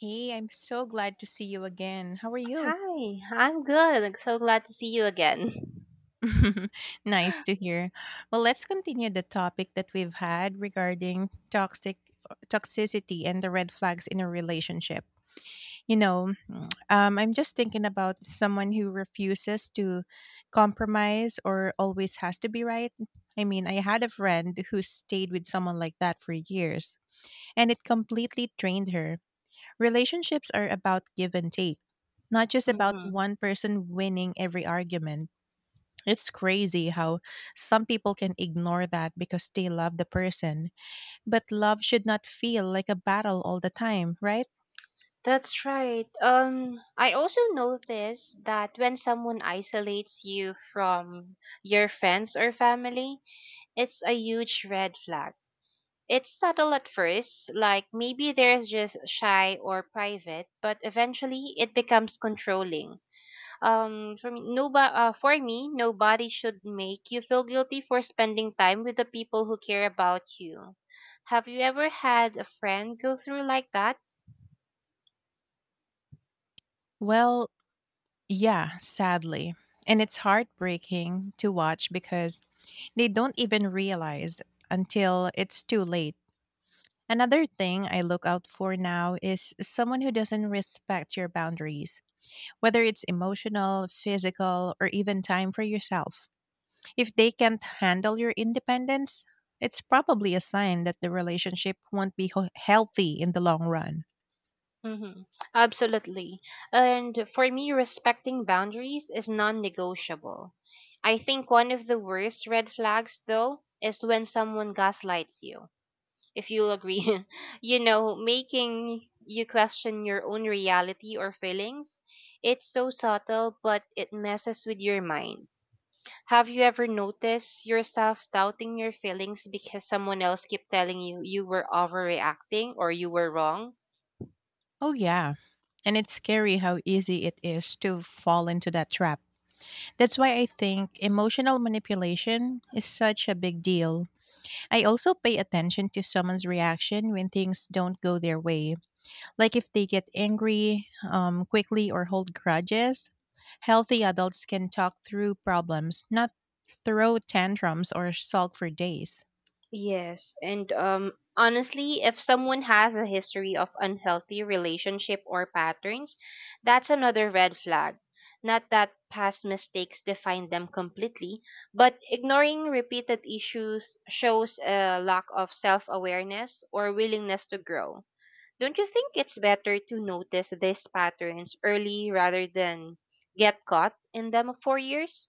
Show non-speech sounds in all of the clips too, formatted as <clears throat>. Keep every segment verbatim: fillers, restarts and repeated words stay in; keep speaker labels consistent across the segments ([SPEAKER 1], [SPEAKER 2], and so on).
[SPEAKER 1] Hey, I'm so glad to see you again. How are you?
[SPEAKER 2] Hi, I'm good. I'm so glad to see you again.
[SPEAKER 1] <laughs> Nice to hear. Well, let's continue the topic that we've had regarding toxic toxicity and the red flags in a relationship. You know, <clears throat> mm, um, I'm just thinking about someone who refuses to compromise or always has to be right. I mean, I had a friend who stayed with someone like that for years, and it completely drained her. Relationships are about give and take, not just about
[SPEAKER 2] Mhm.
[SPEAKER 1] one person winning every argument. It's crazy how some people can ignore that because they love the person. But love should not feel like a battle all the time, right?
[SPEAKER 2] That's right. Um, I also noticed that when someone isolates you from your friends or family, it's a huge red flag. It's subtle at first, like maybe they're just shy or private, but eventually it becomes controlling. Um, for me, no, bo- uh, for me, nobody should make you feel guilty for spending time with the people who care about you. Have you ever had a friend go through like that?
[SPEAKER 1] Well, yeah, sadly. And it's heartbreaking to watch because they don't even realize until it's too late. Another thing I look out for now is someone who doesn't respect your boundaries, whether it's emotional, physical, or even time for yourself. If they can't handle your independence, it's probably a sign that the relationship won't be ho- healthy in the long run.
[SPEAKER 2] Mm-hmm. Absolutely. And for me, respecting boundaries is non-negotiable. I think one of the worst red flags, though, is when someone gaslights you if you'll agree, <laughs> you know, making you question your own reality or feelings. It's so subtle, but it messes with your mind. Have you ever noticed yourself doubting your feelings because someone else kept telling you you were overreacting or you were wrong?
[SPEAKER 1] Oh, yeah. And it's scary how easy it is to fall into that trap. That's why I think emotional manipulation is such a big deal. I also pay attention to someone's reaction when things don't go their way, like if they get angry um, quickly or hold grudges. Healthy adults can talk through problems, not throw tantrums or sulk for days.
[SPEAKER 2] Yes, and um, honestly, if someone has a history of unhealthy relationship or patterns, that's another red flag. Not that past mistakes define them completely, but ignoring repeated issues shows a lack of self awareness or willingness to grow. Don't you think it's better to notice these patterns early rather than get caught in them for years?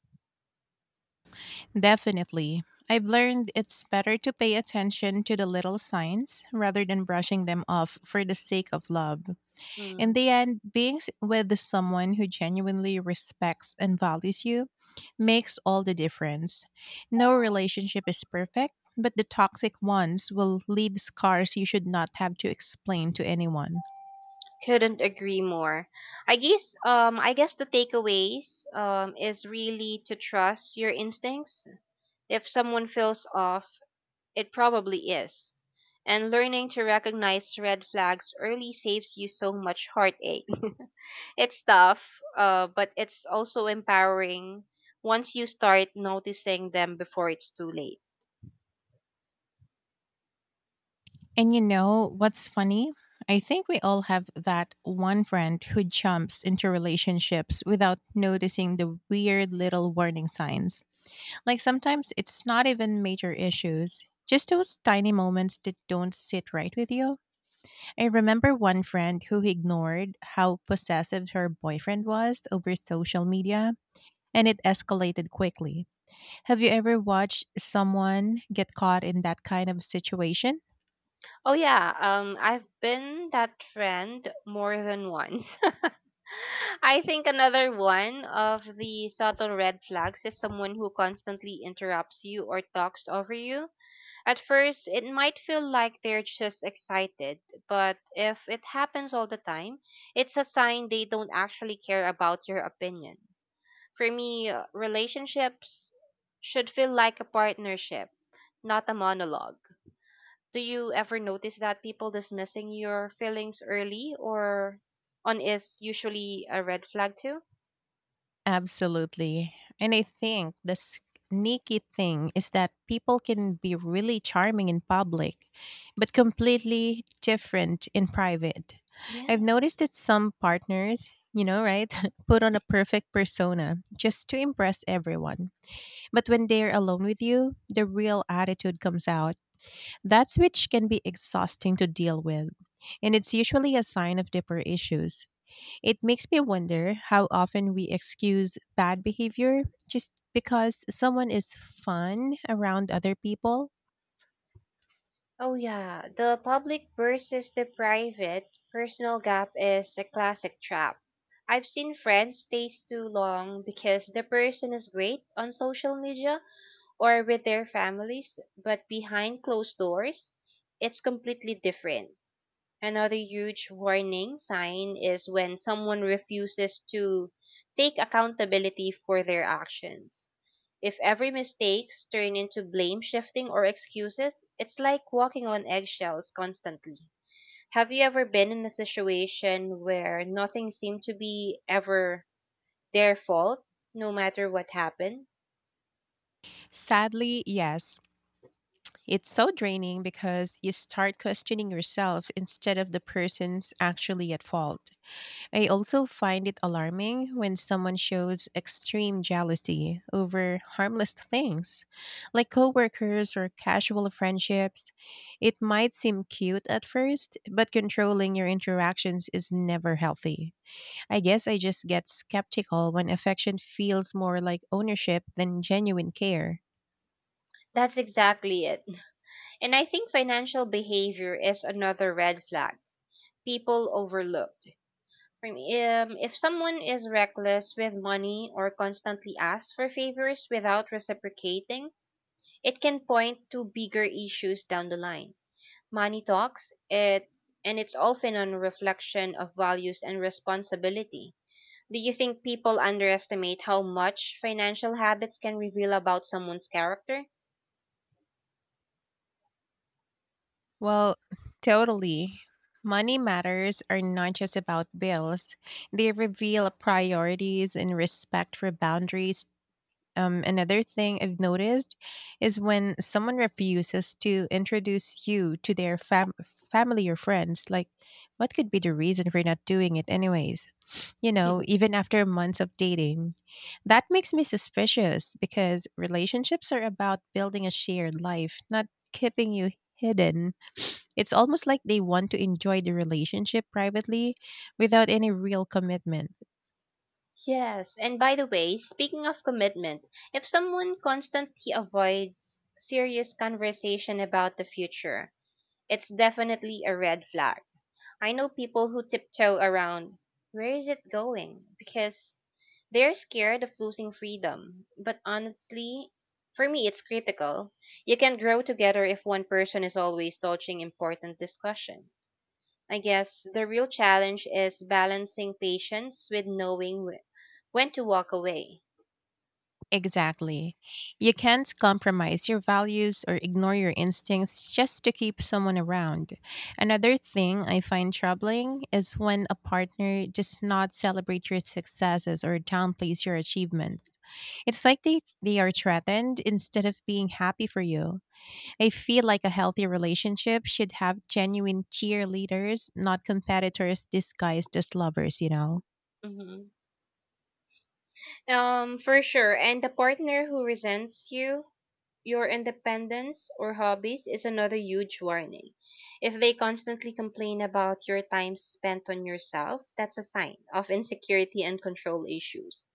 [SPEAKER 1] Definitely. I've learned it's better to pay attention to the little signs rather than brushing them off for the sake of love. In
[SPEAKER 2] Hmm.
[SPEAKER 1] the end, being s- with someone who genuinely respects and values you makes all the difference. No relationship is perfect, but the toxic ones will leave scars you should not have to explain to anyone.
[SPEAKER 2] Couldn't agree more. I guess um I guess the takeaways um is really to trust your instincts. If someone feels off, it probably is. And learning to recognize red flags early saves you so much heartache. <laughs> It's tough, uh, but it's also empowering once you start noticing them before it's too late.
[SPEAKER 1] And you know what's funny? I think we all have that one friend who jumps into relationships without noticing the weird little warning signs. Like sometimes it's not even major issues, just those tiny moments that don't sit right with you. I remember one friend who ignored how possessive her boyfriend was over social media, and it escalated quickly. Have you ever watched someone get caught in that kind of situation?
[SPEAKER 2] Oh yeah, um I've been that trend more than once. <laughs> I think another one of the subtle red flags is someone who constantly interrupts you or talks over you. At first, it might feel like they're just excited, but if it happens all the time, it's a sign they don't actually care about your opinion. For me, uh, relationships should feel like a partnership, not a monologue. Do you ever notice that people dismissing your feelings early or on is usually a red flag too?
[SPEAKER 1] Absolutely. And I think the sneaky thing is that people can be really charming in public, but completely different in private. I've
[SPEAKER 2] Yeah.
[SPEAKER 1] noticed that some partners, you know, right, <laughs> put on a perfect persona just to impress everyone. But when they're alone with you, the real attitude comes out. That's which can be exhausting to deal with. And it's usually a sign of deeper issues. It makes me wonder how often we excuse bad behavior just because someone is fun around other people.
[SPEAKER 2] Oh, yeah. The public versus the private personal gap is a classic trap. I've seen friends stay too long because the person is great on social media or with their families, but behind closed doors, it's completely different. Another huge warning sign is when someone refuses to take accountability for their actions. If every mistakes turn into blame shifting or excuses, it's like walking on eggshells constantly. Have you ever been in a situation where nothing seemed to be ever their fault, no matter what happened?
[SPEAKER 1] Sadly, yes. It's so draining because you start questioning yourself instead of the person's actually at fault. I also find it alarming when someone shows extreme jealousy over harmless things, like coworkers or casual friendships. It might seem cute at first, but controlling your interactions is never healthy. I guess I just get skeptical when affection feels more like ownership than genuine care.
[SPEAKER 2] That's exactly it. And I think financial behavior is another red flag people overlook. For me, um, if someone is reckless with money or constantly asks for favors without reciprocating, it can point to bigger issues down the line. Money talks, it and it's often a reflection of values and responsibility. Do you think people underestimate how much financial habits can reveal about someone's character?
[SPEAKER 1] Well, <sighs> totally. Money matters are not just about bills. They reveal priorities and respect for boundaries. Um, another thing I've noticed is when someone refuses to introduce you to their fam- family or friends, like, what could be the reason for not doing it, anyways? You know,
[SPEAKER 2] <laughs>
[SPEAKER 1] even after months of dating, that makes me suspicious because relationships are about building a shared life, not keeping you hidden. It's almost like they want to enjoy the relationship privately without any real commitment.
[SPEAKER 2] Yes, and by the way, speaking of commitment, if someone constantly avoids serious conversation about the future, it's definitely a red flag. I know people who tiptoe around where is it going because they're scared of losing freedom. But honestly, for me, it's critical. You can grow together if one person is always dodging important discussion. I guess the real challenge is balancing patience with knowing wh- when to walk away.
[SPEAKER 1] Exactly. You can't compromise your values or ignore your instincts just to keep someone around. Another thing I find troubling is when a partner does not celebrate your successes or downplays your achievements. It's like they, they are threatened instead of being happy for you. I feel like a healthy relationship should have genuine cheerleaders, not competitors disguised as lovers, you know?
[SPEAKER 2] Hmm. Um, for sure. And the partner who resents you, your independence, or hobbies is another huge warning. If they constantly complain about your time spent on yourself, that's a sign of insecurity and control issues.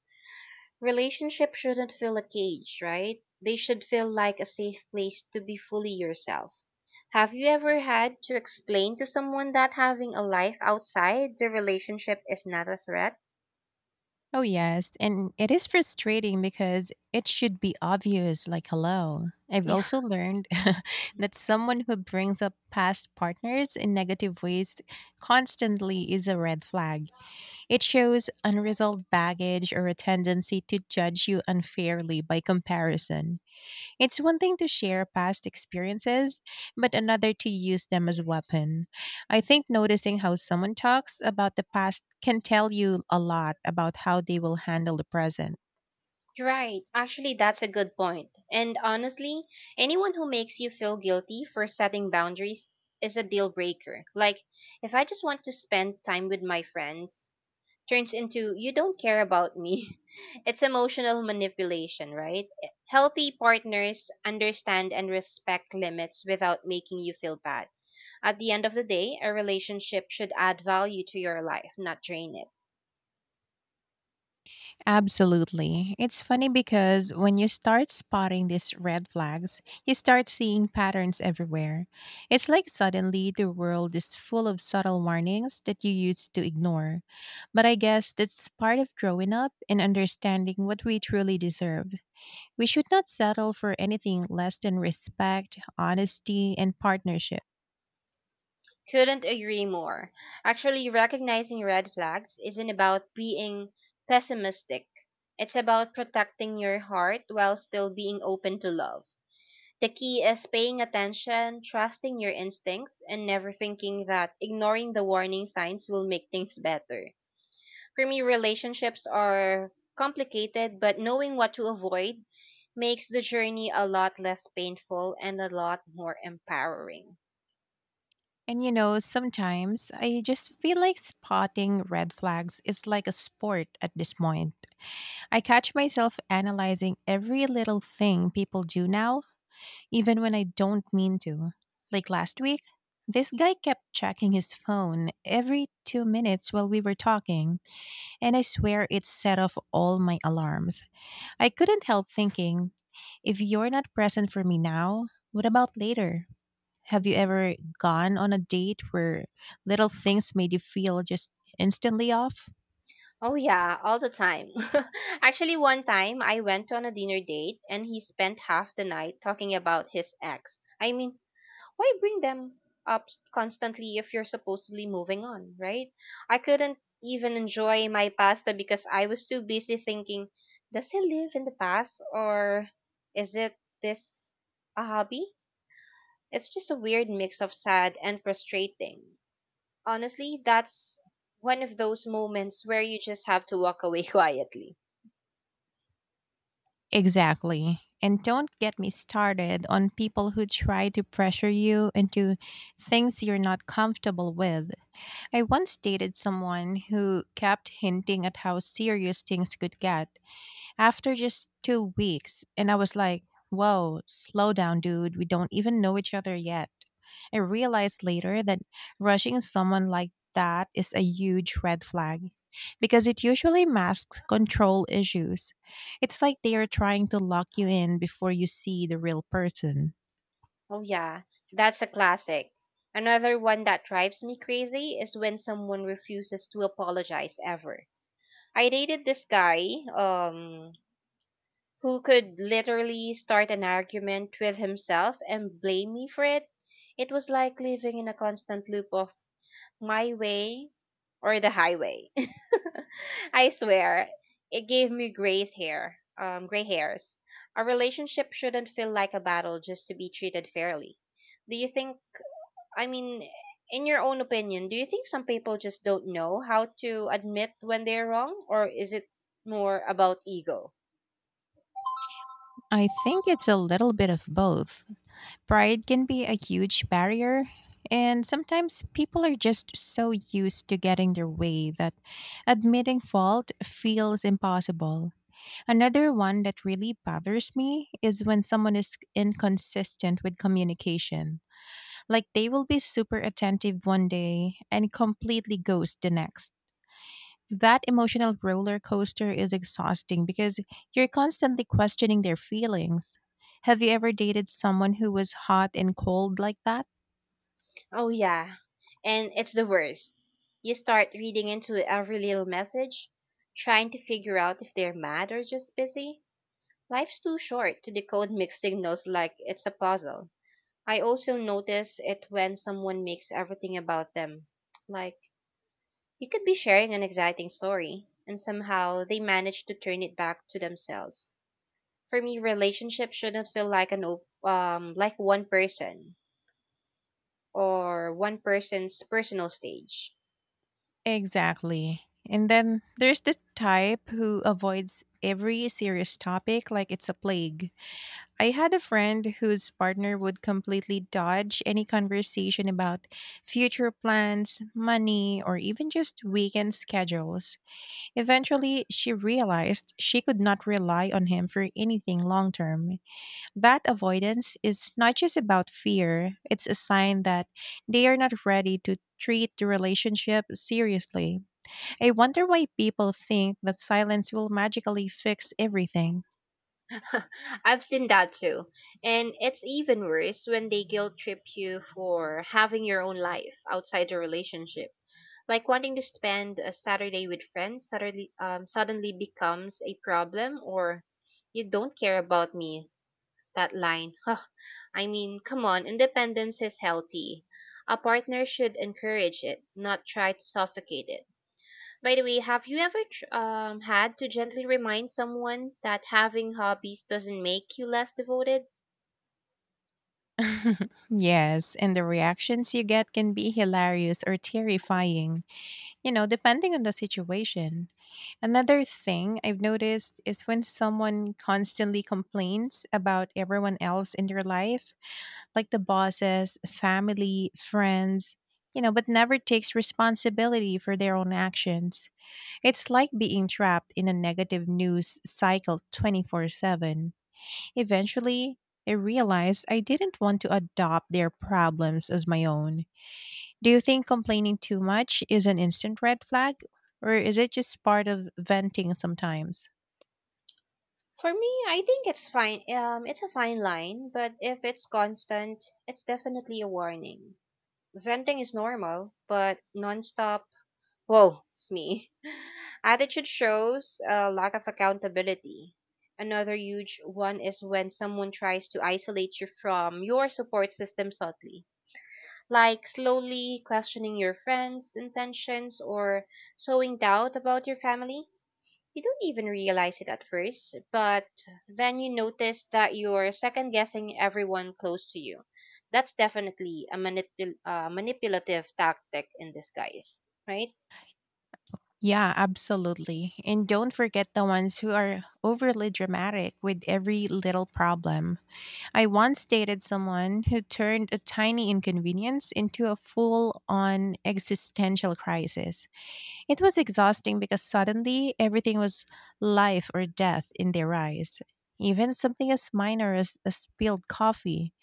[SPEAKER 2] Relationships shouldn't feel a cage, right? They should feel like a safe place to be fully yourself. Have you ever had to explain to someone that having a life outside the relationship is not a threat?
[SPEAKER 1] Oh, yes. And it is frustrating because it should be obvious, like, hello. I've
[SPEAKER 2] Yeah,
[SPEAKER 1] also learned <laughs> that someone who brings up past partners in negative ways constantly is a red flag. It shows unresolved baggage or a tendency to judge you unfairly by comparison. It's one thing to share past experiences, but another to use them as a weapon. I think noticing how someone talks about the past can tell you a lot about how they will handle the present.
[SPEAKER 2] right. Actually, that's a good point. And honestly, anyone who makes you feel guilty for setting boundaries is a deal breaker. Like, if I just want to spend time with my friends, turns into you don't care about me. <laughs> It's emotional manipulation, right? Healthy partners understand and respect limits without making you feel bad. At the end of the day, a relationship should add value to your life, not drain it.
[SPEAKER 1] Absolutely. It's funny because when you start spotting these red flags, you start seeing patterns everywhere. It's like suddenly the world is full of subtle warnings that you used to ignore. But I guess that's part of growing up and understanding what we truly deserve. We should not settle for anything less than respect, honesty, and partnership.
[SPEAKER 2] Couldn't agree more. Actually, recognizing red flags isn't about being pessimistic. It's about protecting your heart while still being open to love. The key is paying attention, trusting your instincts, and never thinking that ignoring the warning signs will make things better. For me, relationships are complicated, but knowing what to avoid makes the journey a lot less painful and a lot more empowering.
[SPEAKER 1] And you know, sometimes I just feel like spotting red flags is like a sport at this point. I catch myself analyzing every little thing people do now, even when I don't mean to. Like last week, this guy kept checking his phone every two minutes while we were talking, and I swear it set off all my alarms. I couldn't help thinking, if you're not present for me now, what about later? Have you
[SPEAKER 2] Hmm.
[SPEAKER 1] ever gone on a date where little things made you feel just instantly off?
[SPEAKER 2] Oh yeah, all the time. <laughs> Actually, one time I went on a dinner date and he spent half the night talking about his ex. I mean, why bring them up constantly if you're supposedly moving on, right? I couldn't even enjoy my pasta because I was too busy thinking, does he live in the past or is it this a hobby? It's just a weird mix of sad and frustrating. Honestly, that's one of those moments where you just have to walk away <laughs> quietly.
[SPEAKER 1] Exactly. And don't get me started on people who try to pressure you into things you're not comfortable with. I once dated someone who kept hinting at how serious things could get after just two weeks, and I was like, whoa, slow down, dude. We don't even know each other yet. I realized later that rushing someone like that is a huge red flag because it usually masks control issues. It's like they are trying to lock you in before you see the real person.
[SPEAKER 2] Oh, yeah, that's a classic. Another one that drives me crazy is when someone refuses to apologize ever. I dated this guy um, who could literally start an argument with himself and blame me for it. It was like living in a constant loop of My Way or The Highway. <laughs> I swear, it gave me grays hair, um, gray hairs. A relationship shouldn't feel like a battle just to be treated fairly. Do you think, I mean, in your own opinion, do you think some people just don't know how to admit when they're wrong, or is it more about ego?
[SPEAKER 1] I think it's a little bit of both. Pride can be a huge barrier, and sometimes people are just so used to getting their way that admitting fault feels impossible. Another one that really bothers me is when someone is inconsistent with communication. Like they will be super attentive one day and completely ghost the next. That emotional roller coaster is exhausting because you're constantly questioning their feelings. Have you ever dated someone who was hot and cold like that?
[SPEAKER 2] Oh, yeah. And it's the worst. You start reading into every little message, trying to figure out if they're mad or just busy. Life's too short to decode mixed signals like it's a puzzle. I also notice it when someone makes everything about them. Like, you could be sharing an exciting story, and somehow they manage to turn it back to themselves. For me, relationships shouldn't feel like an op- um like one person or one person's personal stage.
[SPEAKER 1] Exactly. And then there's the type who avoids every serious topic like it's a plague. I had a friend whose partner would completely dodge any conversation about future plans, money, or even just weekend schedules. Eventually, she realized she could not rely on him for anything long term. That avoidance is not just about fear, it's a sign that they are not ready to treat the relationship seriously. I wonder why people think that silence will magically fix everything.
[SPEAKER 2] <laughs> I've seen that too. And it's even worse when they guilt trip you for having your own life outside the relationship. Like wanting to spend a Saturday with friends suddenly um, suddenly becomes a problem or you don't care about me. That line. Huh. I mean, come on, independence is healthy. A partner should encourage it, not try to suffocate it. By the way, have you ever tr- um, had to gently remind someone that having hobbies doesn't make you less devoted?
[SPEAKER 1] Yes, and the reactions you get can be hilarious or terrifying, you know, depending on the situation. Another thing I've noticed is when someone constantly complains about everyone else in their life, like the bosses, family, friends, you know, but never takes responsibility for their own actions. It's like being trapped in a negative news cycle twenty-four seven. Eventually, I realized I didn't want to adopt their problems as my own. Do you think complaining too much is an instant red flag, or is it just part of venting sometimes?
[SPEAKER 2] For me, I think it's fine. Um, it's a fine line, but if it's constant, it's definitely a warning. Venting is normal, but nonstop, whoa, it's me. <laughs> Attitude shows a lack of accountability. Another huge one is when someone tries to isolate you from your support system subtly, like slowly questioning your friends' intentions or sowing doubt about your family. You don't even realize it at first, but then you notice that you're second guessing everyone close to you. That's definitely a manipul- uh, manipulative tactic in disguise, right?
[SPEAKER 1] Yeah, absolutely. And don't forget the ones who are overly dramatic with every little problem. I once dated someone who turned a tiny inconvenience into a full on existential crisis. It was exhausting because suddenly everything was life or death in their eyes. Even something as minor as a spilled coffee.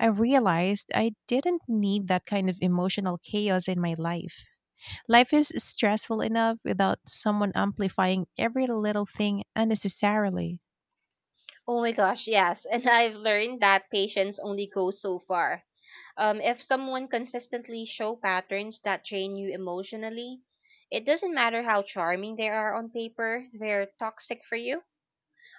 [SPEAKER 1] I realized I didn't need that kind of emotional chaos in my life. Life is stressful enough without someone amplifying every little thing unnecessarily.
[SPEAKER 2] Oh my gosh, yes. <laughs> And I've learned that patience only goes so far. Um, if someone consistently show patterns that drain you emotionally, it doesn't matter how charming they are on paper, they're toxic for you.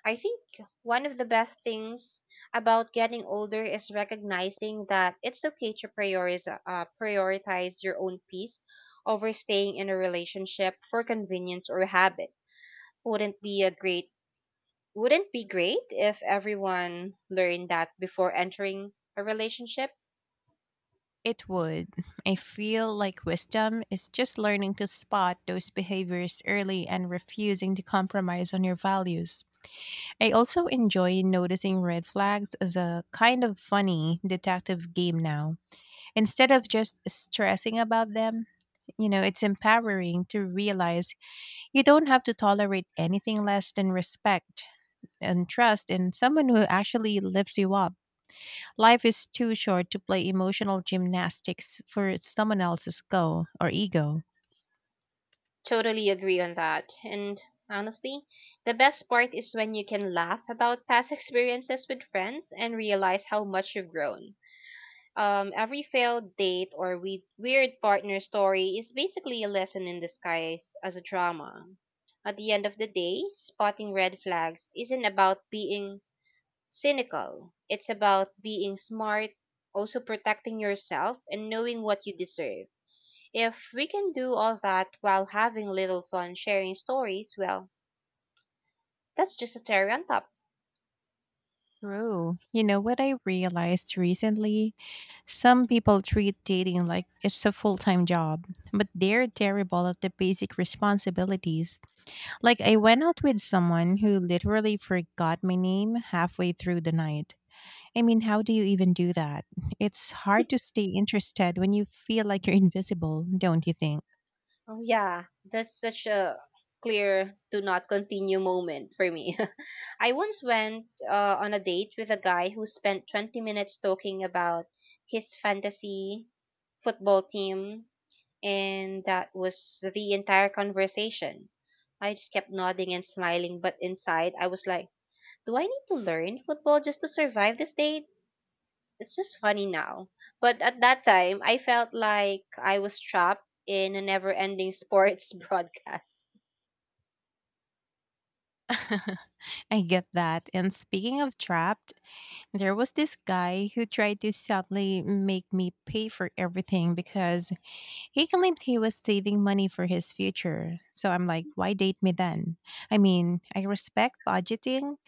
[SPEAKER 2] I think one of the best things about getting older is recognizing that it's okay to prioritize, uh, prioritize your own peace over staying in a relationship for convenience or habit. Wouldn't be a great wouldn't be great if everyone learned that before entering a relationship.
[SPEAKER 1] It would. I feel like wisdom is just learning to spot those behaviors early and refusing to compromise on your values. I also enjoy noticing red flags as a kind of funny detective game now. Instead of just stressing about them, you know, it's empowering to realize you don't have to tolerate anything less than respect and trust in someone who actually lifts you up. Life is too short to play emotional gymnastics for someone else's go or ego.
[SPEAKER 2] Totally agree on that. And honestly, the best part is when you can laugh about past <laughs> experiences with friends and realize how much you've grown. Um, every failed date or we- weird partner story is basically a lesson in disguise as a drama. At the end of the day, spotting red flags isn't about being cynical. It's about being smart, also protecting yourself and knowing what you deserve. If we can do all that while having little fun sharing stories, well, that's just a cherry on top.
[SPEAKER 1] True. You know what I realized recently? Some people treat dating like it's a full time job, but they're terrible at the basic responsibilities. Like, I went out with someone who literally forgot my name halfway through the night. I mean, how do you even do that? It's hard to stay interested when you feel like you're invisible, don't you think?
[SPEAKER 2] Oh yeah, that's such a clear do not continue moment for me. <laughs> I once went uh, on a date with a guy who spent twenty minutes talking about his fantasy football team, and that was the entire conversation. I just kept nodding and smiling but inside I was like, do I need to learn football just to survive this date? It's just funny now. But at that time, I felt like I was trapped in a never ending sports <laughs> broadcast.
[SPEAKER 1] <laughs> I get that. And speaking of trapped, there was this guy who tried to subtly make me pay for everything because he claimed he was saving money for his future. So I'm like, why date me then? I mean, I respect budgeting,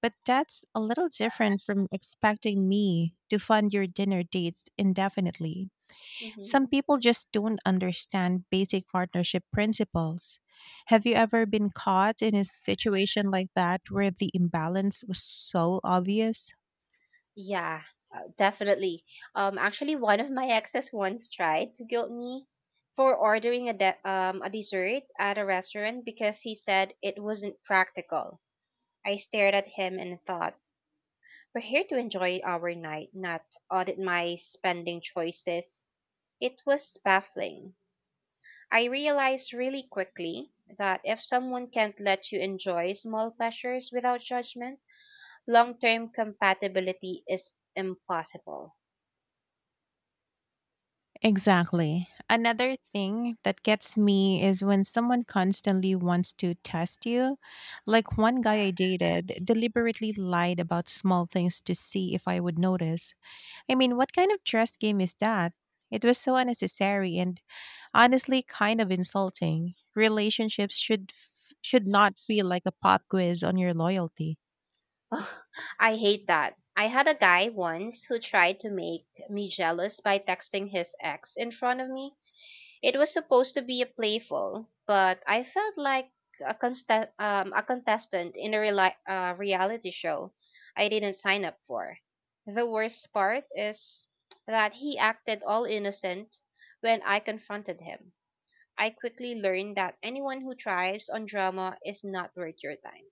[SPEAKER 1] but that's a little different from expecting me to fund your dinner dates indefinitely. Some
[SPEAKER 2] Hmm.
[SPEAKER 1] people just don't understand basic partnership principles. Have you ever been caught in a situation like that where the imbalance was so obvious?
[SPEAKER 2] Yeah, uh, definitely. Um, actually, one of my exes once tried to guilt me for ordering a, de- um, a dessert at a restaurant because he said it wasn't practical. I stared at him and thought, we're here to enjoy our night, not audit my spending choices. It was baffling. I realized really quickly that if someone can't let you enjoy small pleasures without judgment, long term compatibility is impossible.
[SPEAKER 1] Exactly. Another thing that gets me is when someone constantly wants to test you. Like, one guy I dated deliberately lied about small things to see if I would notice. I mean, what kind of trust game is that? It was so unnecessary and honestly kind of insulting. Relationships should f- should not feel like a pop quiz on your loyalty.
[SPEAKER 2] Ugh, I hate that. I had a guy once who tried to make me jealous by texting his ex in front of me. It was supposed to be a playful, but I felt like a, consta- um, a contestant in a reali- uh, reality show I didn't sign up for. The worst part is that he acted all innocent when I confronted him. I quickly learned that anyone who thrives on drama is not worth your time.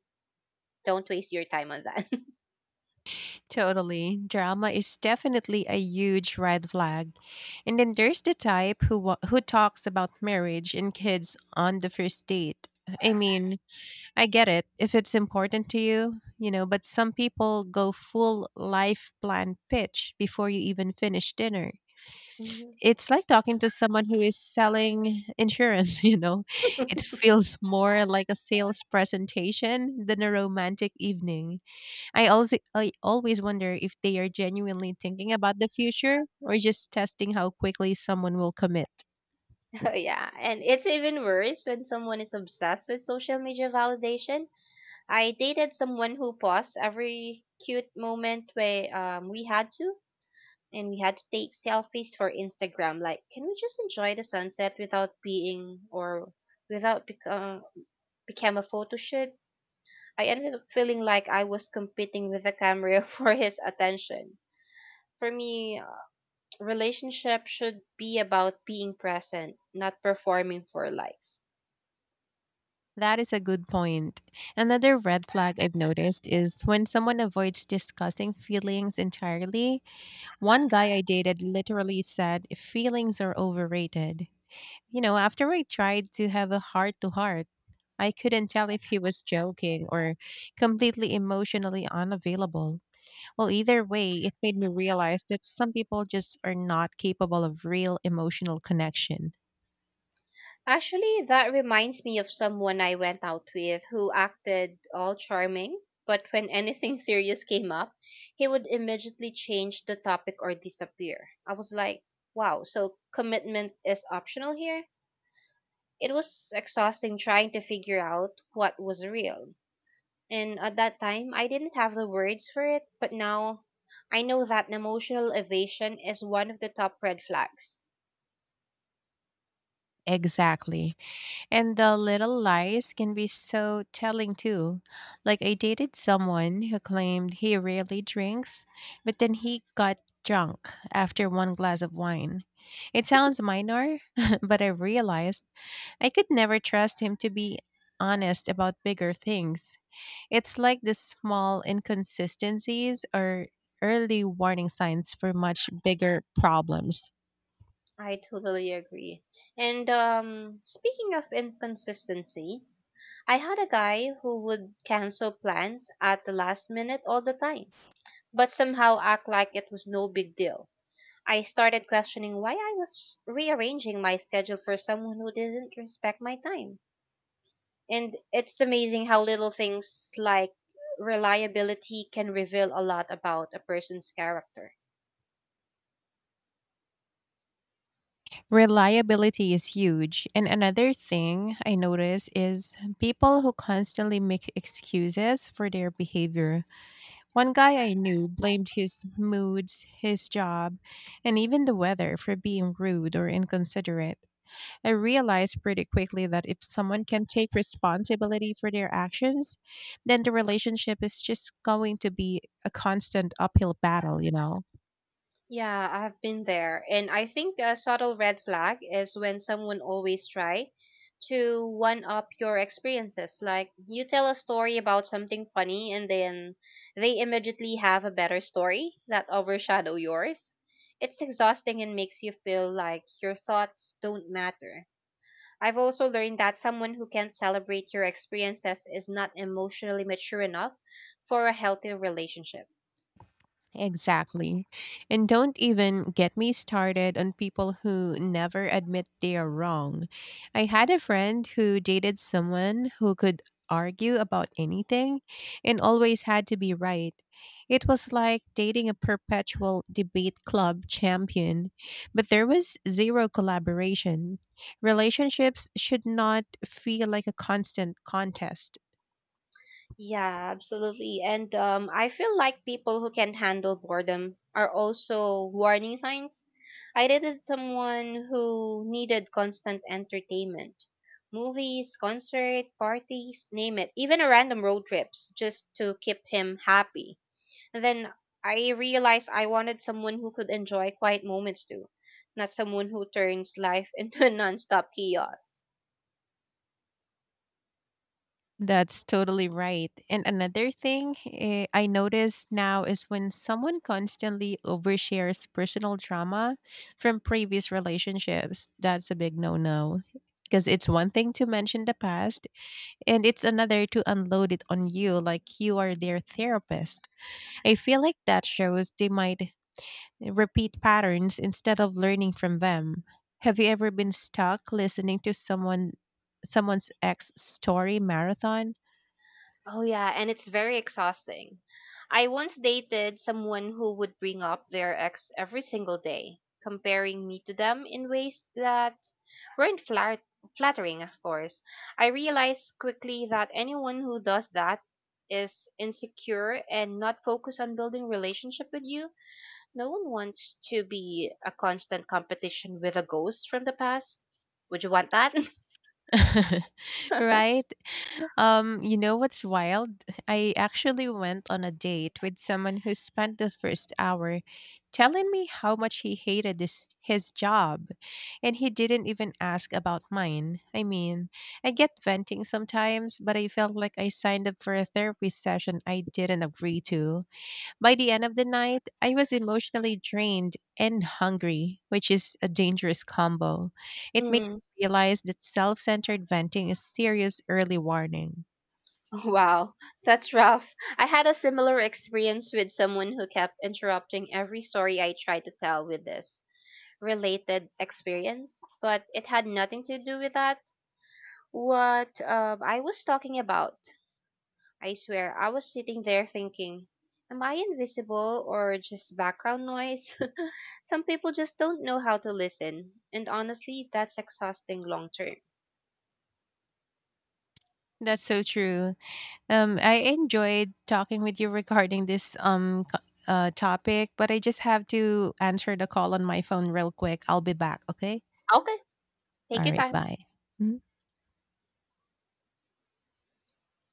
[SPEAKER 2] Don't waste your time on that. <laughs>
[SPEAKER 1] Totally. Drama is definitely a huge red flag. And then there's the type who wa- who talks about marriage and kids on the first date. I mean, I get it if it's important to you, you know, but some people go full life plan pitch before you even finish dinner.
[SPEAKER 2] Mhm.
[SPEAKER 1] It's like talking to someone who is selling insurance, <laughs> you know? It feels more like a sales presentation than a romantic evening. I also I always wonder if they are genuinely thinking about the future or just testing how quickly someone will commit.
[SPEAKER 2] <laughs> Oh, yeah. And it's even worse when someone is obsessed with social media validation. I dated someone who paused every cute moment we um we had to and we had to take selfies for Instagram. Like, can we just enjoy the sunset without being or without become become a photo shoot? I ended up feeling like I was competing with the camera <laughs> for his attention. For me, relationship should be about being present, not performing for likes.
[SPEAKER 1] That is a good point. Another red flag I've noticed is when someone avoids discussing feelings entirely. One guy I dated literally said feelings are overrated. You know, after I tried to have a heart to heart, I couldn't tell if he was joking or completely emotionally unavailable. Well, either way, it made me realize that some people just are not capable of real emotional connection.
[SPEAKER 2] Actually, that reminds me of someone I went out with who acted all charming, but when anything <laughs> serious came up, he would immediately change the topic or disappear. I was like, wow, so commitment is optional here? It was exhausting trying to figure out what was real. And at that time, I didn't have the words for it, but now I know that emotional evasion is one of the top red flags.
[SPEAKER 1] Exactly. And the little lies can be so telling too. Like, I dated someone who claimed he rarely drinks, but then he got drunk after one glass of wine. It sounds minor, <laughs> but I realized I could never trust him to be honest about bigger things. It's like the small inconsistencies are early warning signs for much bigger problems.
[SPEAKER 2] I totally agree. And um, speaking of inconsistencies, I had a guy who would cancel plans at the last minute all the time, but somehow act like it was no big deal. I started questioning why I was rearranging my schedule for someone who didn't respect my time. And it's amazing how little things like reliability can reveal a lot about a person's character.
[SPEAKER 1] Reliability is huge. And another thing I notice is people who constantly make excuses for their behavior. One guy I knew blamed his moods, his job, and even the weather for being rude or inconsiderate. I realized pretty quickly that if someone can take responsibility for their actions, then the relationship is just going to be a constant uphill battle, you know?
[SPEAKER 2] Yeah, I've been there. And I think a subtle red flag is when someone always try to one up your experiences. Like you tell a story about something funny and then they immediately have a better story that overshadow yours. It's exhausting and makes you feel like your thoughts don't matter. I've also learned that someone who can't celebrate your experiences is not emotionally mature enough for a healthy relationship.
[SPEAKER 1] Exactly. And don't even get me started on people who never admit they are wrong. I had a friend who dated someone who could argue about anything and always had to be right. It was like dating a perpetual debate club champion, but there was zero collaboration. Relationships should not feel like a constant contest.
[SPEAKER 2] Yeah, absolutely. And um, I feel like people who can handle boredom are also warning signs. I dated someone who needed constant entertainment, movies, concert, parties, name it, even a random road trips just to keep him happy. Then I realized I wanted someone who could enjoy quiet moments too, not someone who turns life <laughs> into a nonstop chaos.
[SPEAKER 1] That's totally right. And another thing, eh, I notice now is when someone constantly overshares personal drama from previous relationships. That's a big no no. Because it's one thing to mention the past, and it's another to unload it on you like you are their therapist. I feel like that shows they might repeat patterns instead of learning from them. Have you ever been stuck listening to someone someone's ex story marathon?
[SPEAKER 2] Oh yeah, and it's very exhausting. I once dated someone who would bring up their ex every single day, comparing me to them in ways that weren't flat- flattering, of course. I realized quickly that anyone who does that is insecure and not focused on building relationship with you. No one wants to be a constant competition with a ghost from the past. Would you want that?
[SPEAKER 1] <laughs>
[SPEAKER 2] <laughs>
[SPEAKER 1] Right? Um, you know what's wild? I actually went on a date with someone who spent the first hour telling me how much he hated this his job, and he didn't even ask about mine. I mean, I get venting sometimes, but I felt like I signed up for a therapy session I didn't agree to. By the end of the night, I was emotionally drained and hungry, which is a dangerous combo. It made
[SPEAKER 2] Mm.
[SPEAKER 1] me realize that self centered venting is serious early warning.
[SPEAKER 2] <laughs> Wow, that's rough. I had a similar experience with someone who kept interrupting every story I tried to tell with this related experience, but it had nothing to do with that. What uh, I was talking about, I swear, I was sitting there thinking, am I invisible or just background noise? <laughs> Some people just don't know how to listen, and honestly, that's exhausting long term.
[SPEAKER 1] That's so true. Um, I enjoyed talking with you regarding this um co- uh, topic, but I just have to answer the call on my phone real quick. I'll be back. Okay.
[SPEAKER 2] Okay, take
[SPEAKER 1] All
[SPEAKER 2] your
[SPEAKER 1] right.
[SPEAKER 2] time.
[SPEAKER 1] Bye. Mhm.